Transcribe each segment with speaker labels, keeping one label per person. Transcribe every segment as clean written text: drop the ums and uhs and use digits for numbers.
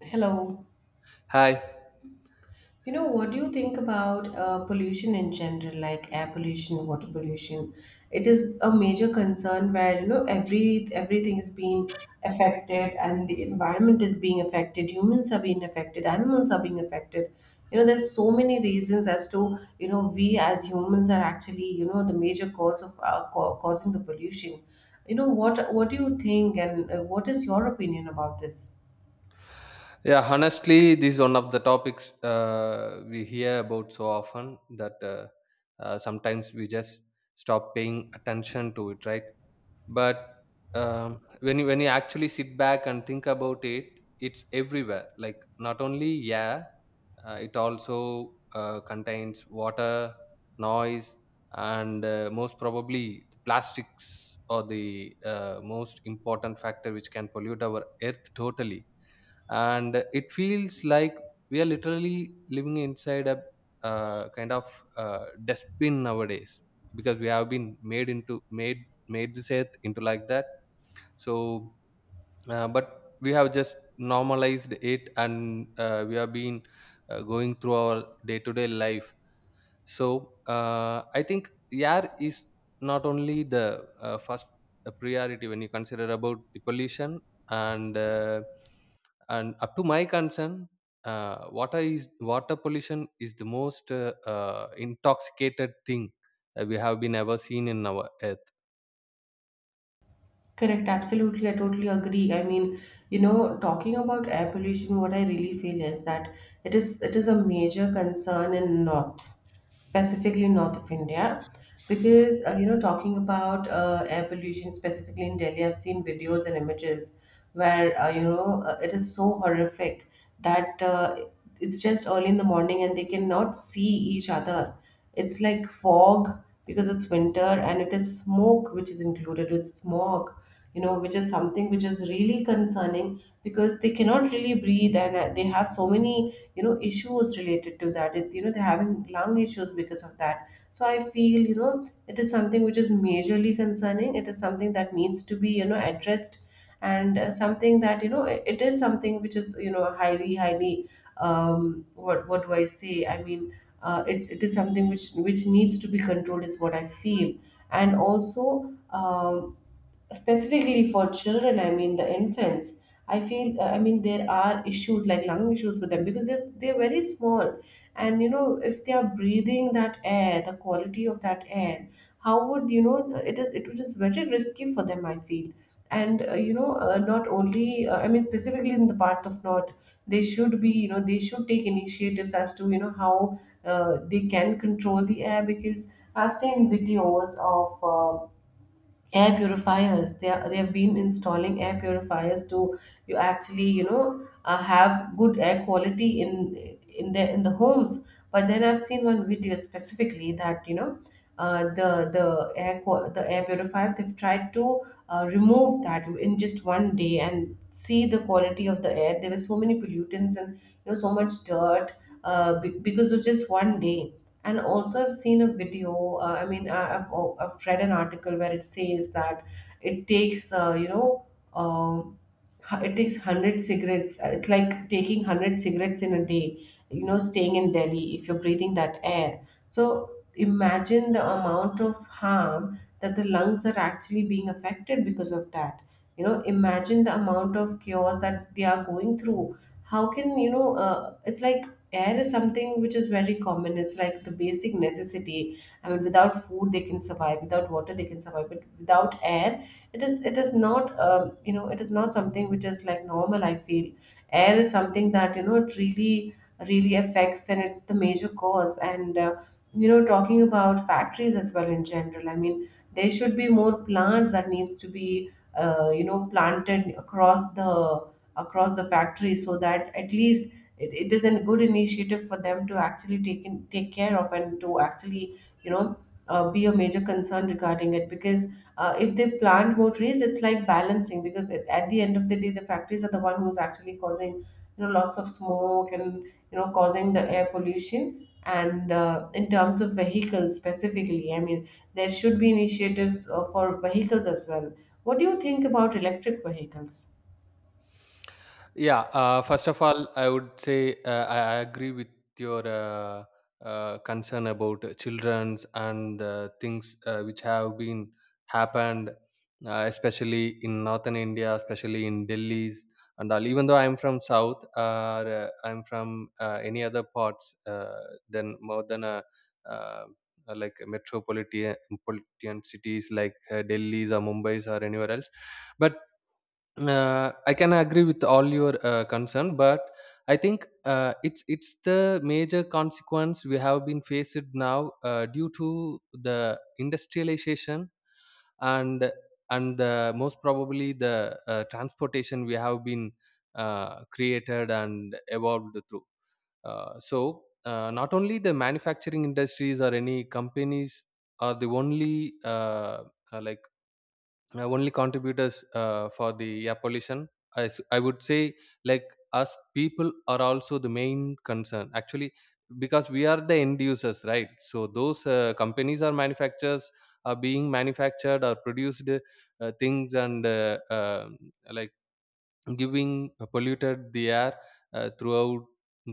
Speaker 1: Hello.
Speaker 2: Hi.
Speaker 1: What do you think about pollution in general, like air pollution, water pollution? It is a major concern where, everything is being affected, and the environment is being affected, humans are being affected, animals are being affected. There's so many reasons as to, we as humans are actually, the major cause of causing the pollution. What do you think, and what is your opinion about this?
Speaker 2: Yeah, honestly, this is one of the topics we hear about so often that sometimes we just stop paying attention to it, right? But when you actually sit back and think about it, it's everywhere. Like not only air, it also contains water, noise, and most probably the plastics are the most important factor which can pollute our earth totally and it feels like we are literally living inside a kind of dustbin nowadays because we have been made into made made this earth into like that so but we have just normalized it and we have been going through our day to day life so I think air is not only the first priority when you consider about the pollution and uh, and up to my concern, water pollution is the most intoxicated thing that we have been ever seen in our earth.
Speaker 1: Correct, absolutely. I totally agree. I mean, talking about air pollution, what I really feel is that it is a major concern in North, specifically North of India, because talking about air pollution specifically in Delhi, I've seen videos and images where it is so horrific that, it's just early in the morning and they cannot see each other. It's like fog because it's winter and it is smoke which is included with smog, which is something which is really concerning because they cannot really breathe, and they have so many issues related to that. It, you know they're having lung issues because of that. So I feel it is something which is majorly concerning. It is something that needs to be addressed, and something that it is something which is highly, highly. What do I say? I mean, it is something which needs to be controlled, is what I feel. And also, specifically for children, I mean the infants, I feel, I mean there are issues like lung issues with them because they're very small, and if they are breathing that air, the quality of that air, how would you know, it is very risky for them, I feel. And not only, I mean, specifically in the part of North, they should take initiatives as to how they can control the air, because I've seen videos of air purifiers. They have been installing air purifiers to, you actually, have good air quality in the homes. But then I've seen one video specifically that, the air purifier they've tried to remove that in just one day and see the quality of the air. There were so many pollutants and, so much dirt, because of just one day. And also I've seen a video, I mean, oh, I've read an article where it says that it takes you know um, hu- it takes 100 cigarettes. It's like taking 100 cigarettes in a day, staying in Delhi, if you're breathing that air. So imagine the amount of harm that the lungs are actually being affected because of that. Imagine the amount of chaos that they are going through. How can, it's like air is something which is very common. It's like the basic necessity. I mean, without food they can survive. Without water they can survive. But without air, it is not, it is not something which is like normal, I feel. Air is something that, it really really affects, and it's the major cause. And talking about factories as well in general. I mean, there should be more plants that needs to be planted across the factory, so that at least it is a good initiative for them to actually take care of, and to actually, be a major concern regarding it, because if they plant more trees it's like balancing, because at the end of the day the factories are the one who's actually causing, lots of smoke, and causing the air pollution. And in terms of vehicles specifically, I mean, there should be initiatives for vehicles as well. What do you think about electric vehicles?
Speaker 2: Yeah, first of all, I would say uh, I agree with your concern about children's and things which have been happened, especially in northern India, especially in Delhi's and all. Even though I'm from south, or I'm from any other parts than more than a uh, like metropolitan cities like Delhi's or Mumbai's or anywhere else but I can agree with all your concern, but I think uh, it's the major consequence we have been faced now due to the industrialization and and the most probably the transportation we have been created and evolved through. So not only the manufacturing industries or any companies are the only uh, like my only contributors for the air pollution. I would say like us people are also the main concern actually because we are the end users, right? So those companies or manufacturers are being manufactured or produced things and like giving polluted the air throughout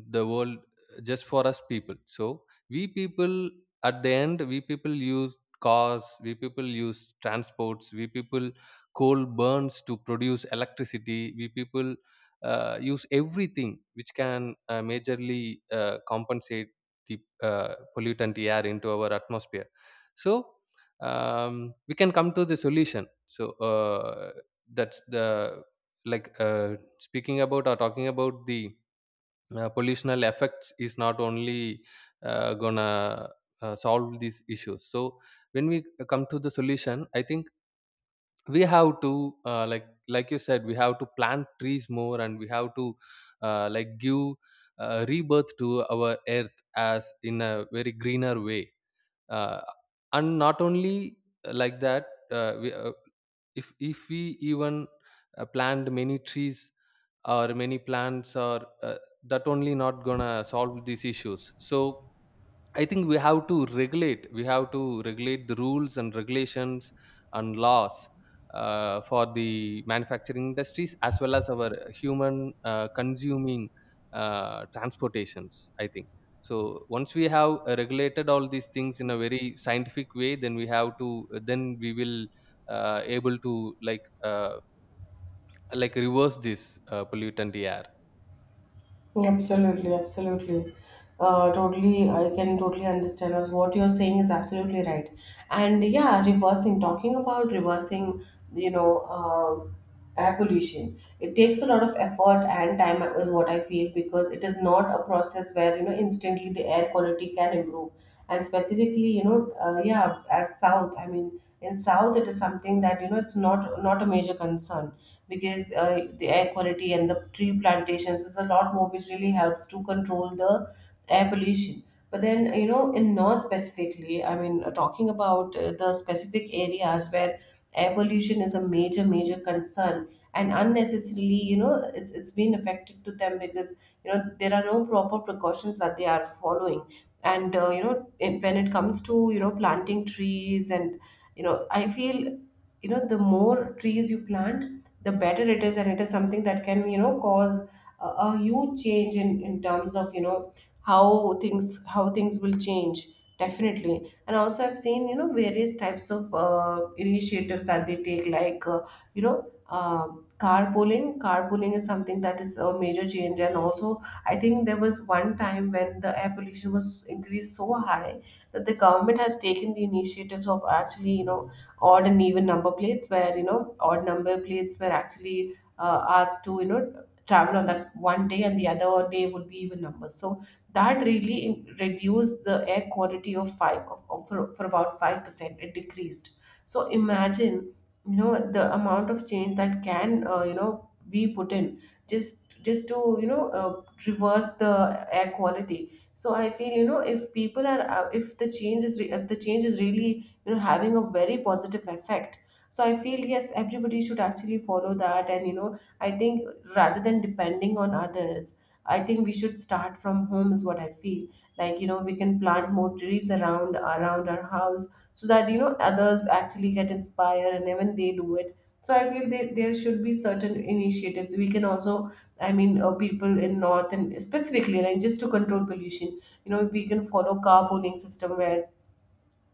Speaker 2: the world just for us people. So we people at the end, we people use cars, we people use transports, we people coal burns to produce electricity, we people use everything which can majorly compensate the pollutant air into our atmosphere. So we can come to the solution, so that's the like speaking about or talking about the pollutional effects is not only gonna solve these issues. So when we come to the solution, I think we have to like you said, we have to plant trees more, and we have to give rebirth to our earth as in a very greener way, uh, and not only uh, like that uh, we, uh, if we even plant many trees or many plants or that only not gonna solve these issues. So I think we have to regulate the rules and regulations and laws for the manufacturing industries as well as our human consuming transportations, I think. So once we have regulated all these things in a very scientific way, then we have to then we will able to like reverse this pollutant air.
Speaker 1: Absolutely, absolutely. Totally, I can totally understand us. What you're saying is absolutely right. And yeah, reversing, talking about reversing, you know, uh, air pollution, it takes a lot of effort and time, is what I feel, because it is not a process where, instantly the air quality can improve. And specifically, yeah, as South, I mean, in South, it is something that, it's not a major concern, because the air quality and the tree plantations is a lot more, which really helps to control the air pollution. But then, in North specifically, I mean talking about the specific areas where air pollution is a major major concern, and unnecessarily, it's been affected to them, because there are no proper precautions that they are following. And when it comes to planting trees, and, I feel, the more trees you plant the better it is, and it is something that can, cause a huge change, in terms of, how things will change, definitely. And also, I've seen, various types of initiatives that they take, like you know uh, carpooling is something that is a major change. And also, I think there was one time when the air pollution was increased so high that the government has taken the initiatives of actually, odd and even number plates, where, odd number plates were actually asked to, travel on that one day, and the other day would be even numbers. So that really reduced the air quality of five of- for about 5%, it decreased. So imagine, the amount of change that can, be put in, just to, reverse the air quality. So I feel, if people are if the change is re- if the change is really, having a very positive effect. So I feel, yes, everybody should actually follow that. And, I think rather than depending on others, I think we should start from home, is what I feel. Like, we can plant more trees around our house, so that, others actually get inspired and even they do it. So I feel there should be certain initiatives we can also, I mean, people in North, and specifically, right, just to control pollution, we can follow carpooling system where,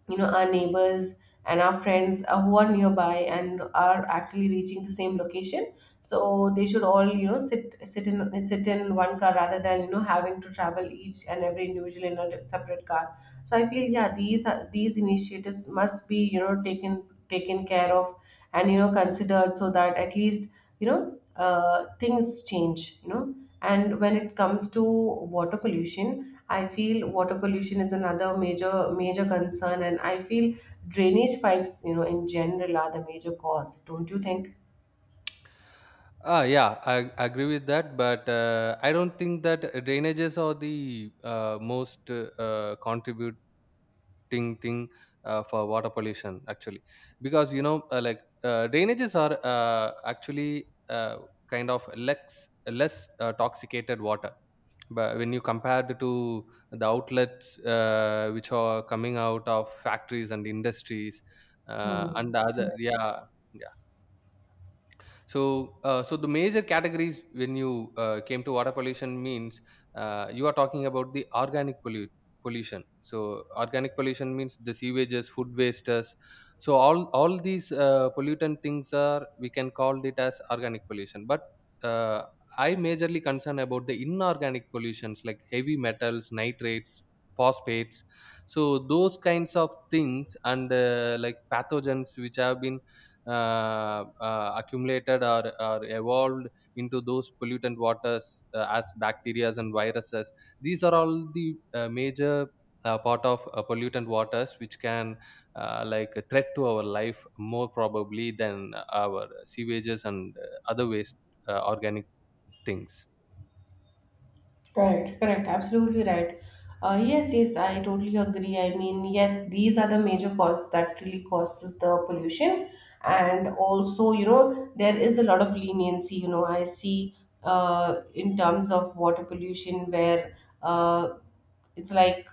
Speaker 1: our neighbors and our friends, who are nearby and are actually reaching the same location, so they should all, sit in one car, rather than, having to travel each and every individual in a separate car. So I feel, yeah, these are these initiatives must be, taken care of, and, considered, so that at least, things change. And when it comes to water pollution, I feel water pollution is another major major concern, and I feel drainage pipes, in general, are the major cause. Don't you think?
Speaker 2: Ah, yeah, I agree with that, but I don't think that drainages are the most contributing thing for water pollution actually, because you know, drainages are actually kind of less toxicated water, but when you compare to the outlets which are coming out of factories and industries
Speaker 1: Hmm.
Speaker 2: yeah. So, so the major categories when you came to water pollution means you are talking about the pollution. So, organic pollution means the sewages, food wastes. So, all these pollutant things are we can call it as organic pollution. But uh, I majorly concern about the inorganic pollutions like heavy metals, nitrates, phosphates. So those kinds of things and pathogens which have been accumulated or evolved into those pollutant waters as bacteria and viruses. These are all the major part of pollutant waters which can like a threat to our life more probably than our sewages and other waste organic things.
Speaker 1: Correct, correct, absolutely right. Yes, yes, I totally agree. I mean, yes, these are the major causes that really causes the pollution, and also, there is a lot of leniency. You know, I see in terms of water pollution where uh, it's like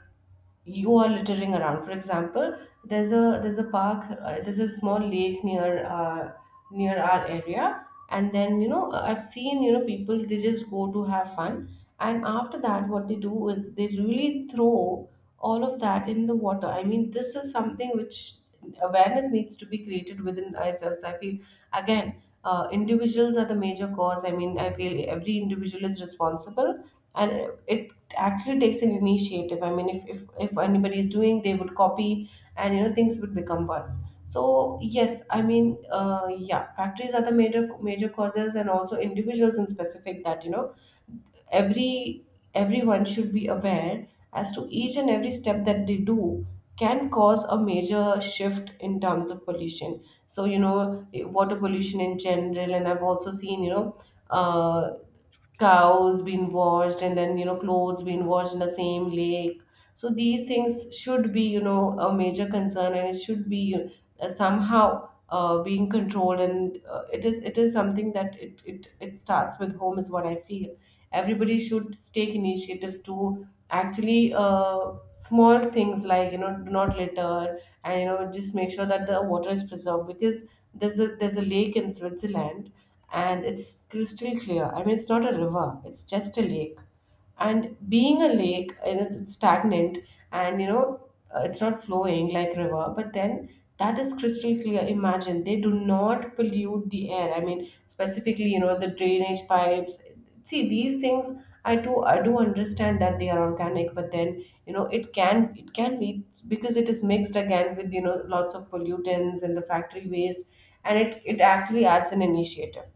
Speaker 1: you are littering around, for example. There's a park, there's a small lake near near our area, and then you know, I've seen, you know, people they just go to have fun, and after that what they do is they really throw all of that in the water. I mean, this is something which awareness needs to be created within ourselves, I feel. Again, individuals are the major cause. I mean, I feel every individual is responsible, and it actually takes an initiative. I mean, if anybody is doing, they would copy, and you know, things would become worse. So yes, I mean, yeah, factories are the major causes, and also individuals in specific. That you know, every everyone should be aware as to each and every step that they do can cause a major shift in terms of pollution. So you know, water pollution in general. And I've also seen you know, uh, cows being washed, and then you know, clothes being washed in the same lake. So these things should be, you know, a major concern, and it should be somehow being controlled. And it is, it is something that it starts with home is what I feel. Everybody should take initiatives to actually small things like, you know, do not litter, and you know, just make sure that the water is preserved. Because there's a lake in Switzerland, and it's crystal clear. I mean, it's not a river, it's just a lake. And being a lake, and it's stagnant, and you know, it's not flowing like river, but then that is crystal clear. Imagine, they do not pollute the air. I mean, specifically you know, the drainage pipes. See, these things I do understand that they are organic, but then you know, it can lead, because it is mixed again with, you know, lots of pollutants and the factory waste, and it actually adds an initiative.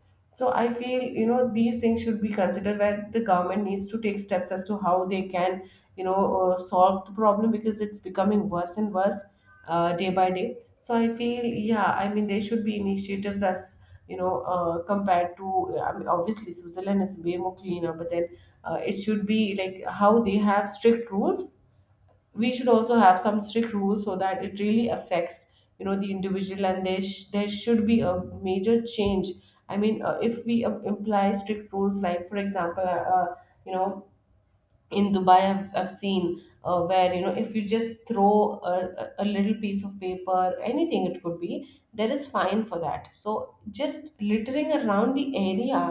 Speaker 1: So I feel, you know, these things should be considered, where the government needs to take steps as to how they can, you know, solve the problem, because it's becoming worse and worse, day by day. So I feel, yeah, I mean, there should be initiatives, as you know, compared to, I mean, obviously Switzerland is way more cleaner, but then it should be like how they have strict rules. We should also have some strict rules so that it really affects, you know, the individual, and there should be a major change. I mean, if we imply strict rules, like for example, you know, in Dubai I've seen, where you know, if you just throw a little piece of paper, anything, it could be there is fine for that. So just littering around the area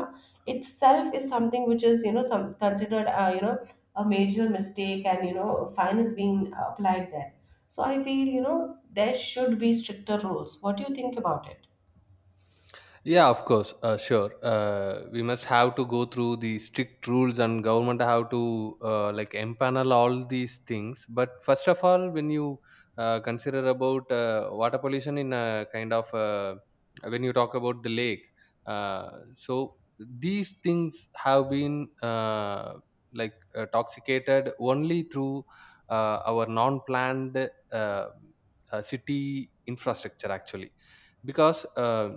Speaker 1: itself is something which is, you know, some considered, you know, a major mistake, and you know, fine is being applied there. So I feel you know, there should be stricter rules. What do you think about it?
Speaker 2: Yeah, of course. Sure. We must have to go through the strict rules, and government have to empanel all these things. But first of all, when you consider about water pollution in a kind of when you talk about the lake, so these things have been toxicated only through our non-planned uh, city infrastructure actually because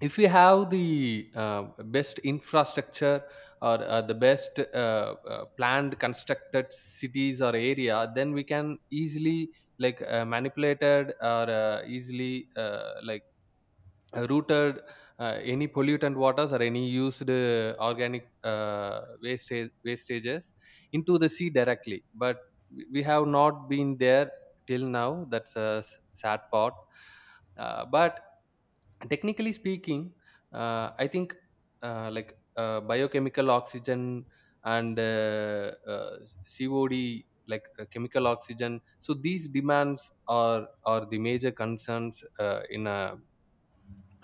Speaker 2: if we have the best infrastructure or uh, the best planned constructed cities or area, then we can easily manipulated or easily routed any pollutant waters or any used organic wastages into the sea directly. But we have not been there till now. That's a sad part, but technically speaking, I think biochemical oxygen and cod, chemical oxygen, so these demands are the major concerns in a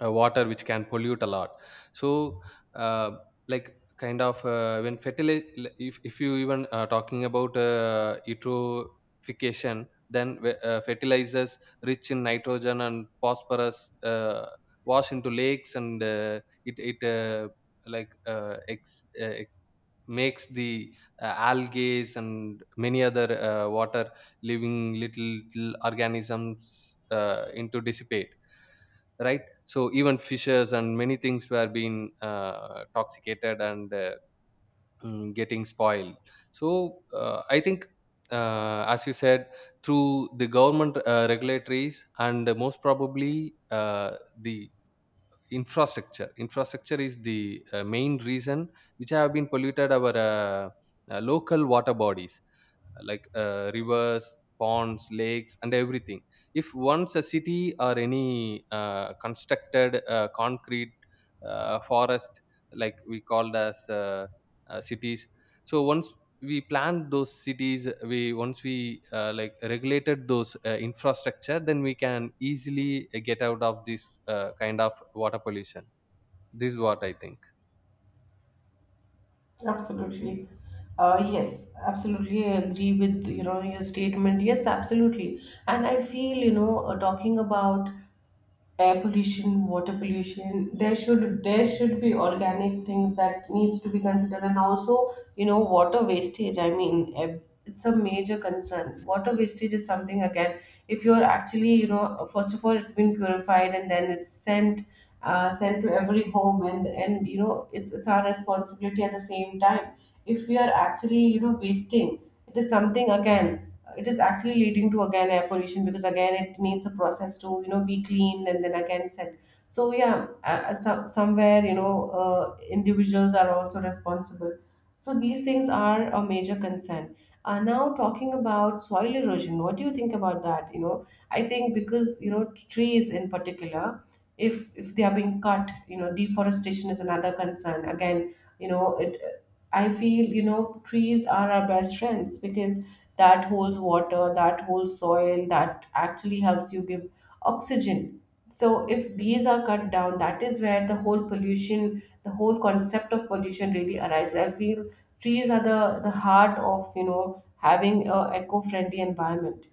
Speaker 2: water which can pollute a lot. So uh, like kind of when fertilize if you even talking about eutrophication, then fertilizers rich in nitrogen and phosphorus wash into lakes and it it uh, like uh, ex, uh, makes the algae and many other water living little, little organisms into dissipate, right? So even fishes and many things were being toxicated and getting spoiled. So I think as you said, through the government regulatories, and most probably the infrastructure is the main reason which have been polluted our local water bodies like rivers, ponds, lakes and everything. If once a city or any constructed concrete forest, we called as cities, so once we planned those cities we once we regulated those infrastructure, then we can easily get out of this kind of water pollution. This is what I think.
Speaker 1: Absolutely. Yes, absolutely I agree with, you know, your statement. Yes, absolutely. And I feel you know, talking about air pollution, water pollution. There should be organic things that needs to be considered, and also you know, water wastage. I mean, ev- it's a major concern. Water wastage is something again. If you're actually, you know, first of all it's been purified and then it's sent, sent to every home, and you know, it's our responsibility at the same time. If we are actually, you know, wasting, it is something again, it is actually leading to again air pollution, because again it needs a process to, you know, be cleaned and then again set. So yeah, somewhere you know, individuals are also responsible. So these things are a major concern. Now talking about soil erosion, what do you think about that? You know, I think because you know, trees in particular, if they are being cut, you know, deforestation is another concern again. You know, it, I feel you know, trees are our best friends, because that holds water, that holds soil, that actually helps you give oxygen. So, if these are cut down, that is where the whole pollution, the whole concept of pollution really arises. I feel trees are the heart of, you know, having a eco-friendly environment.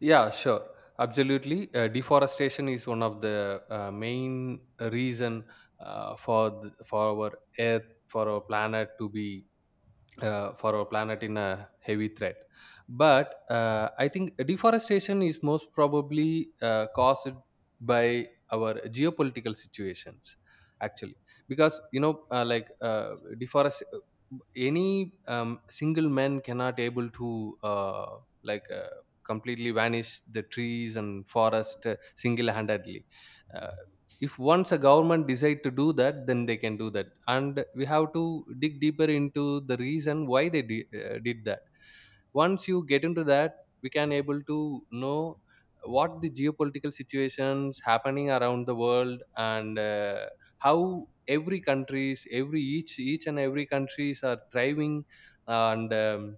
Speaker 2: Yeah, sure. Absolutely. Deforestation is one of the main reason for our earth, for our planet to be for our planet in a heavy threat. But I think deforestation is most probably caused by our geopolitical situations, actually, because you know, deforest, uh, any single man cannot able to like uh, completely vanish the trees and forest single-handedly. Uh, if once a government decide to do that, then they can do that, and we have to dig deeper into the reason why they did that. Once you get into that, we can able to know what the geopolitical situations happening around the world, and how every each and every countries are thriving and um,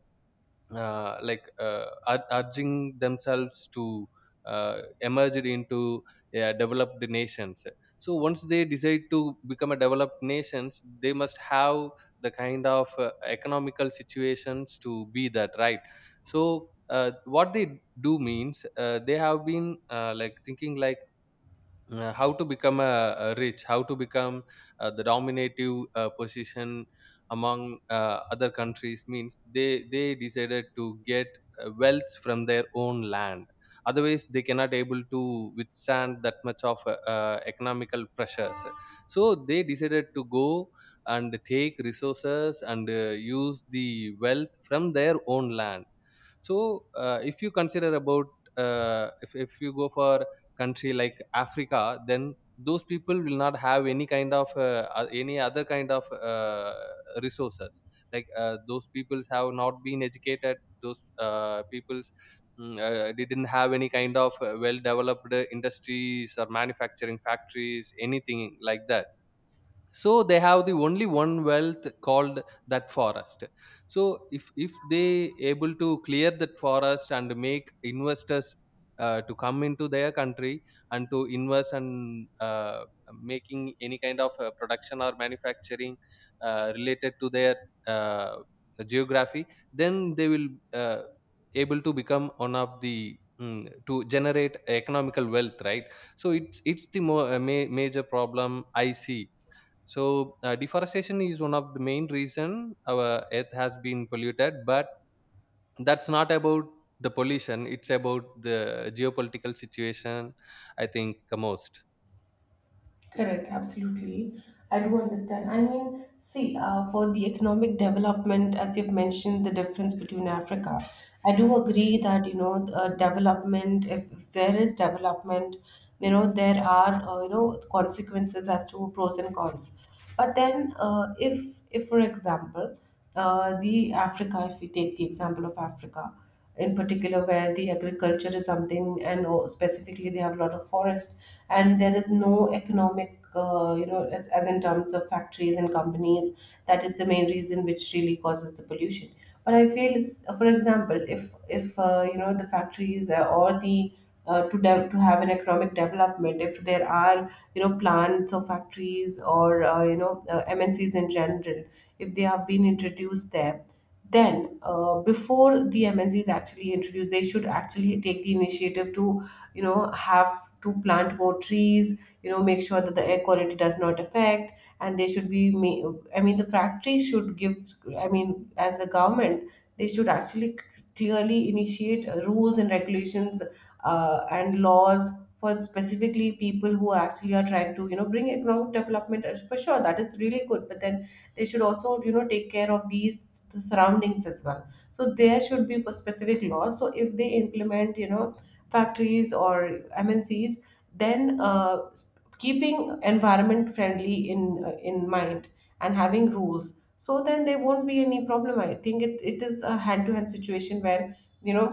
Speaker 2: uh, like uh, ur- urging themselves to emerge into developed nations. So once they decide to become a developed nations, they must have the kind of economical situations to be that, right? So what they do means they have been thinking like how to become a rich, how to become the dominative position among other countries, means they decided to get wealth from their own land, otherwise they cannot able to withstand that much of economical pressures. So they decided to go and take resources and use the wealth from their own land. So if you consider about if you go for country like Africa, then those people will not have any kind of any other kind of resources. Like those peoples have not been educated. Those peoples didn't have any kind of well developed industries or manufacturing factories, anything like that. So they have the only one wealth called that forest. So if they able to clear that forest and make investors to come into their country and to invest and making any kind of production or manufacturing related to their uh, geography, then they will uh, able to become one of the to generate economical wealth, right? So it's the major problem I see. So deforestation is one of the main reason our earth has been polluted, but that's not about the pollution. It's about the geopolitical situation. I think the most.
Speaker 1: Correct, absolutely. I do understand. I mean, see, for the economic development, as you've mentioned, the difference between Africa, I do agree that, you know, development, if there is development, you know, there are, you know, consequences as to pros and cons. But then, if for example, the Africa, if we take the example of Africa, in particular, where the agriculture is something, and o- specifically they have a lot of forest, and there is no economic, you know, as in terms of factories and companies, that is the main reason which really causes the pollution. But I feel it's, for example, if you know, the factories or the to have an economic development, if there are you know, plants or factories or, you know, MNCs in general, if they have been introduced there, then before the MNCs actually introduce, they should actually take the initiative to, you know, have to plant more trees, you know, make sure that the air quality does not affect. And they should be ma- I mean, the factories should give, I mean, as a government, they should actually clearly initiate rules and regulations, and laws for specifically people who actually are trying to, you know, bring economic development. For sure that is really good, but then they should also you know, take care of these, the surroundings as well. So there should be specific laws, so if they implement, you know, factories or MNCs, then keeping environment friendly in, in mind, and having rules, so then there won't be any problem. I think it, it is a hand to hand situation where, you know,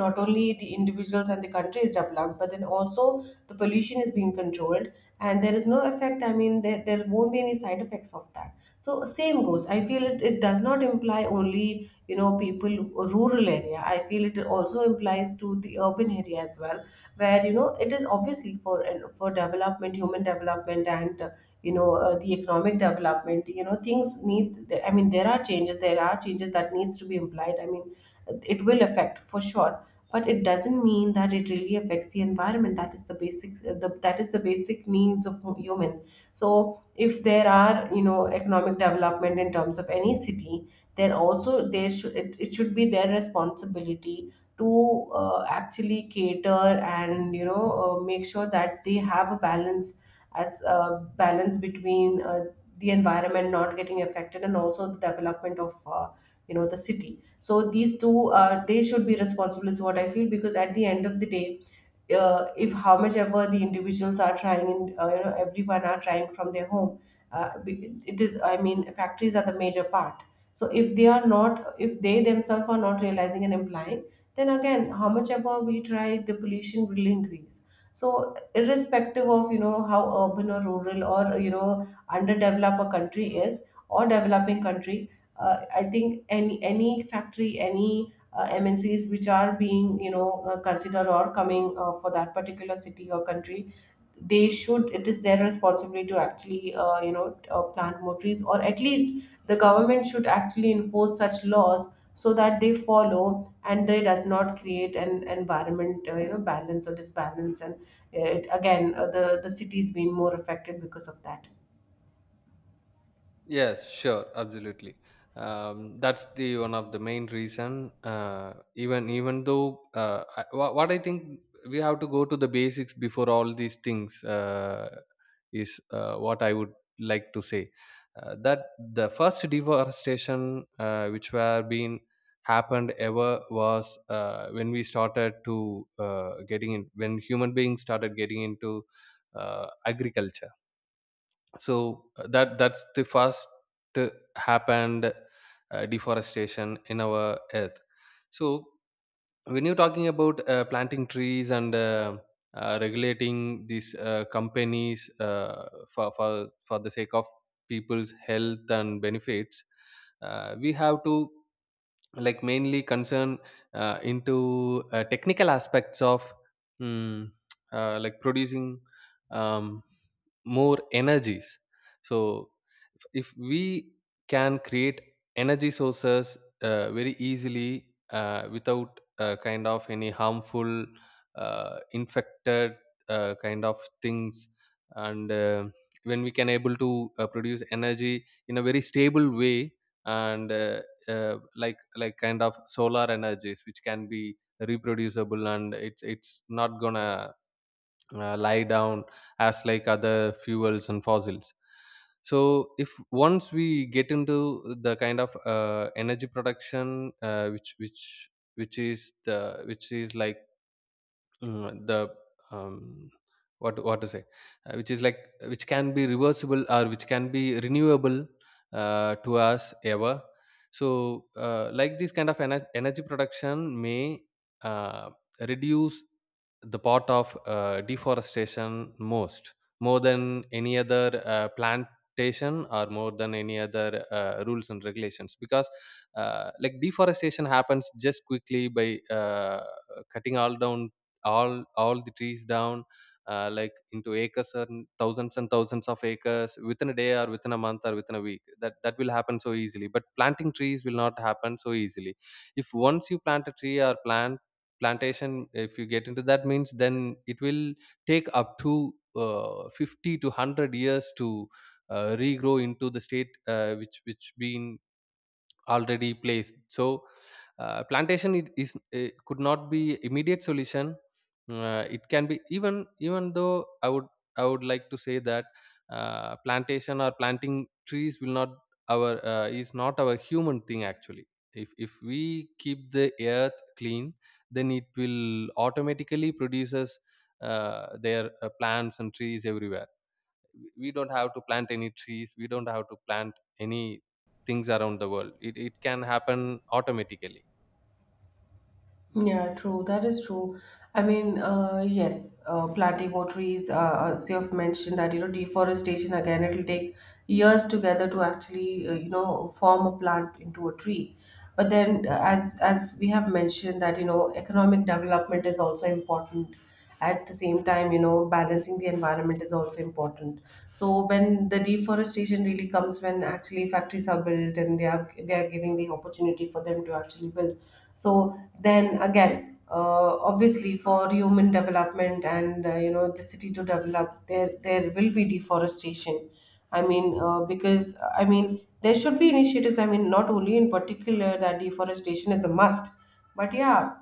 Speaker 1: not only the individuals and the country is developed, but then also the pollution is being controlled, and there is no effect. I mean, there won't be any side effects of that. So same goes, I feel it, it does not imply only you know, people, rural area. I feel it also implies to the urban area as well, where you know, it is obviously for development, human development, and you know, the economic development, you know, things need, I mean, there are changes that needs to be implied. I mean, it will affect for sure, but it doesn't mean that it really affects the environment, that is the basic, that is the basic needs of human. So if there are you know, economic development in terms of any city, then also there should, it should be their responsibility to actually cater and you know, make sure that they have a balance, as a balance between the environment not getting affected, and also the development of, you know, the city. So these two, they should be responsible is what I feel, because at the end of the day, if how much ever the individuals are trying in, you know, everyone are trying from their home, it is, I mean, factories are the major part. So if they are not, if they themselves are not realizing and implying, then again how much ever we try, the pollution will increase. So irrespective of you know, how urban or rural or you know, underdeveloped a country is, or developing country, I think any factory, any MNCs which are being, you know, considered or coming, for that particular city or country, they should. It is their responsibility to actually, you know, plant more trees, or at least the government should actually enforce such laws, so that they follow and they does not create an environment, you know, balance or disbalance, and it again, the city is being more affected because of that.
Speaker 2: Yes, sure, absolutely. That's the one of the main reason. Even though what I think we have to go to the basics before all these things, is what I would like to say. That the first deforestation which were being happened ever was, when we started to getting in when human beings started getting into agriculture. So that's the first uh, happened deforestation in our earth. So when you're talking about planting trees and regulating these companies for the sake of people's health and benefits, we have to like mainly concern into technical aspects of mm, like producing um, more energies. So if we can create energy sources very easily without kind of any harmful infected kind of things, and when we can able to produce energy in a very stable way, and like kind of solar energies which can be reproducible, and it's not gonna lie down as like other fuels and fossils. So if once we get into the kind of energy production which is like the um, what to say, which is like which can be reversible or which can be renewable to us ever. So like this kind of energy production may uh, reduce the part of deforestation most, more than any other plantation or more than any other rules and regulations. Because like deforestation happens just quickly by cutting all down all the trees down, like into acres and thousands of acres within a day or within a month or within a week. That will happen so easily, but planting trees will not happen so easily. If once you plant a tree or plantation, if you get into that means, then it will take up to 50 to 100 years to regrow into the state which been already placed. So plantation, it is could not be immediate solution. It can be. Even though I would like to say that plantation or planting trees will not, our is not our human thing actually. If we keep the earth clean, then it will automatically produces their plants and trees everywhere. We don't have to plant any trees, we don't have to plant any things around the world. It can happen automatically.
Speaker 1: Yeah, true. That is true. I mean, yes, planting more trees, as you have mentioned that, you know, deforestation again, it'll take years together to actually, you know, form a plant into a tree. But then, as we have mentioned that, you know, economic development is also important. At the same time, you know, balancing the environment is also important. So when the deforestation really comes, when actually factories are built, and they are giving the opportunity for them to actually build. So then again obviously, for human development and, you know, the city to develop, there will be deforestation. I mean, because I mean, there should be initiatives. I mean, not only in particular that deforestation is a must, but yeah,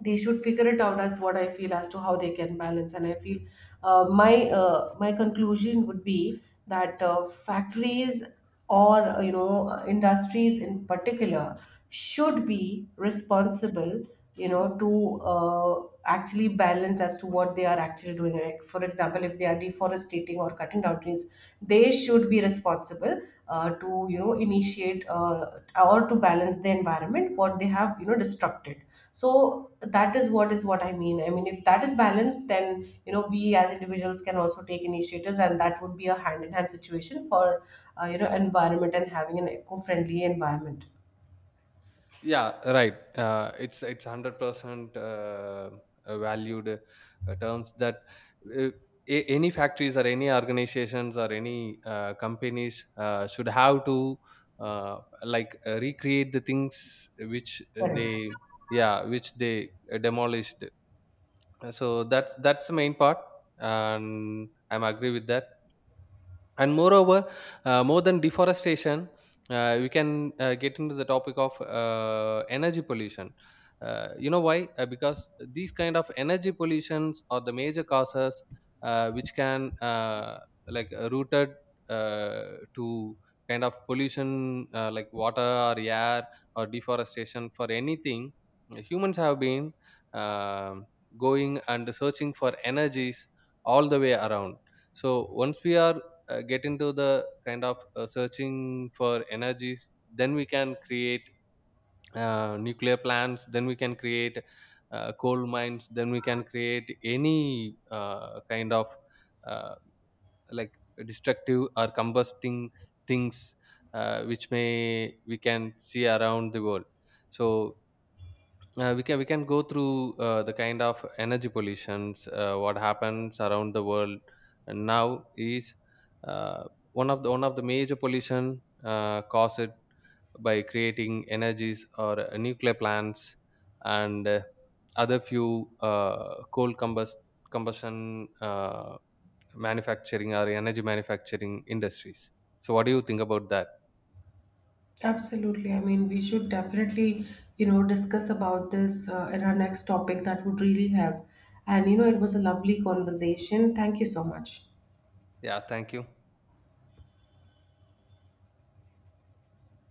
Speaker 1: they should figure it out as what I feel as to how they can balance. And I feel my conclusion would be that factories or you know, industries in particular should be responsible, you know, to actually balance as to what they are actually doing, like for example, if they are deforesting or cutting down trees, they should be responsible to, you know, initiate or to balance the environment what they have, you know, destructed. So that is what I mean. I mean, if that is balanced, then you know, we as individuals can also take initiatives, and that would be a hand in hand situation for, you know, environment, and having an eco friendly environment.
Speaker 2: Yeah, right, it's 100% valued terms that, uh, any factories or any organizations or any companies should have to like recreate the things which
Speaker 1: Correct.
Speaker 2: they, yeah, which they demolished. So that's the main part, and I'm agree with that. And moreover, more than deforestation, we can get into the topic of energy pollution. You know why? Because these kind of energy pollutions are the major causes which can rooted to kind of pollution, like water or air or deforestation. For anything, humans have been um going and searching for energies all the way around. So once we are get into the kind of searching for energies, then we can create nuclear plants, then we can create coal mines, then we can create any kind of uh, like destructive or combusting things which may we can see around the world. So we can go through the kind of energy pollutions what happens around the world. And now is uh, one of the major pollution caused by creating energies or nuclear plants, and other few coal combust combustion manufacturing or energy manufacturing industries. So what do you think about that?
Speaker 1: Absolutely. I mean, we should definitely, you know, discuss about this in our next topic. That would really help. And, you know, it was a lovely conversation. Thank you so much.
Speaker 2: Yeah, thank you.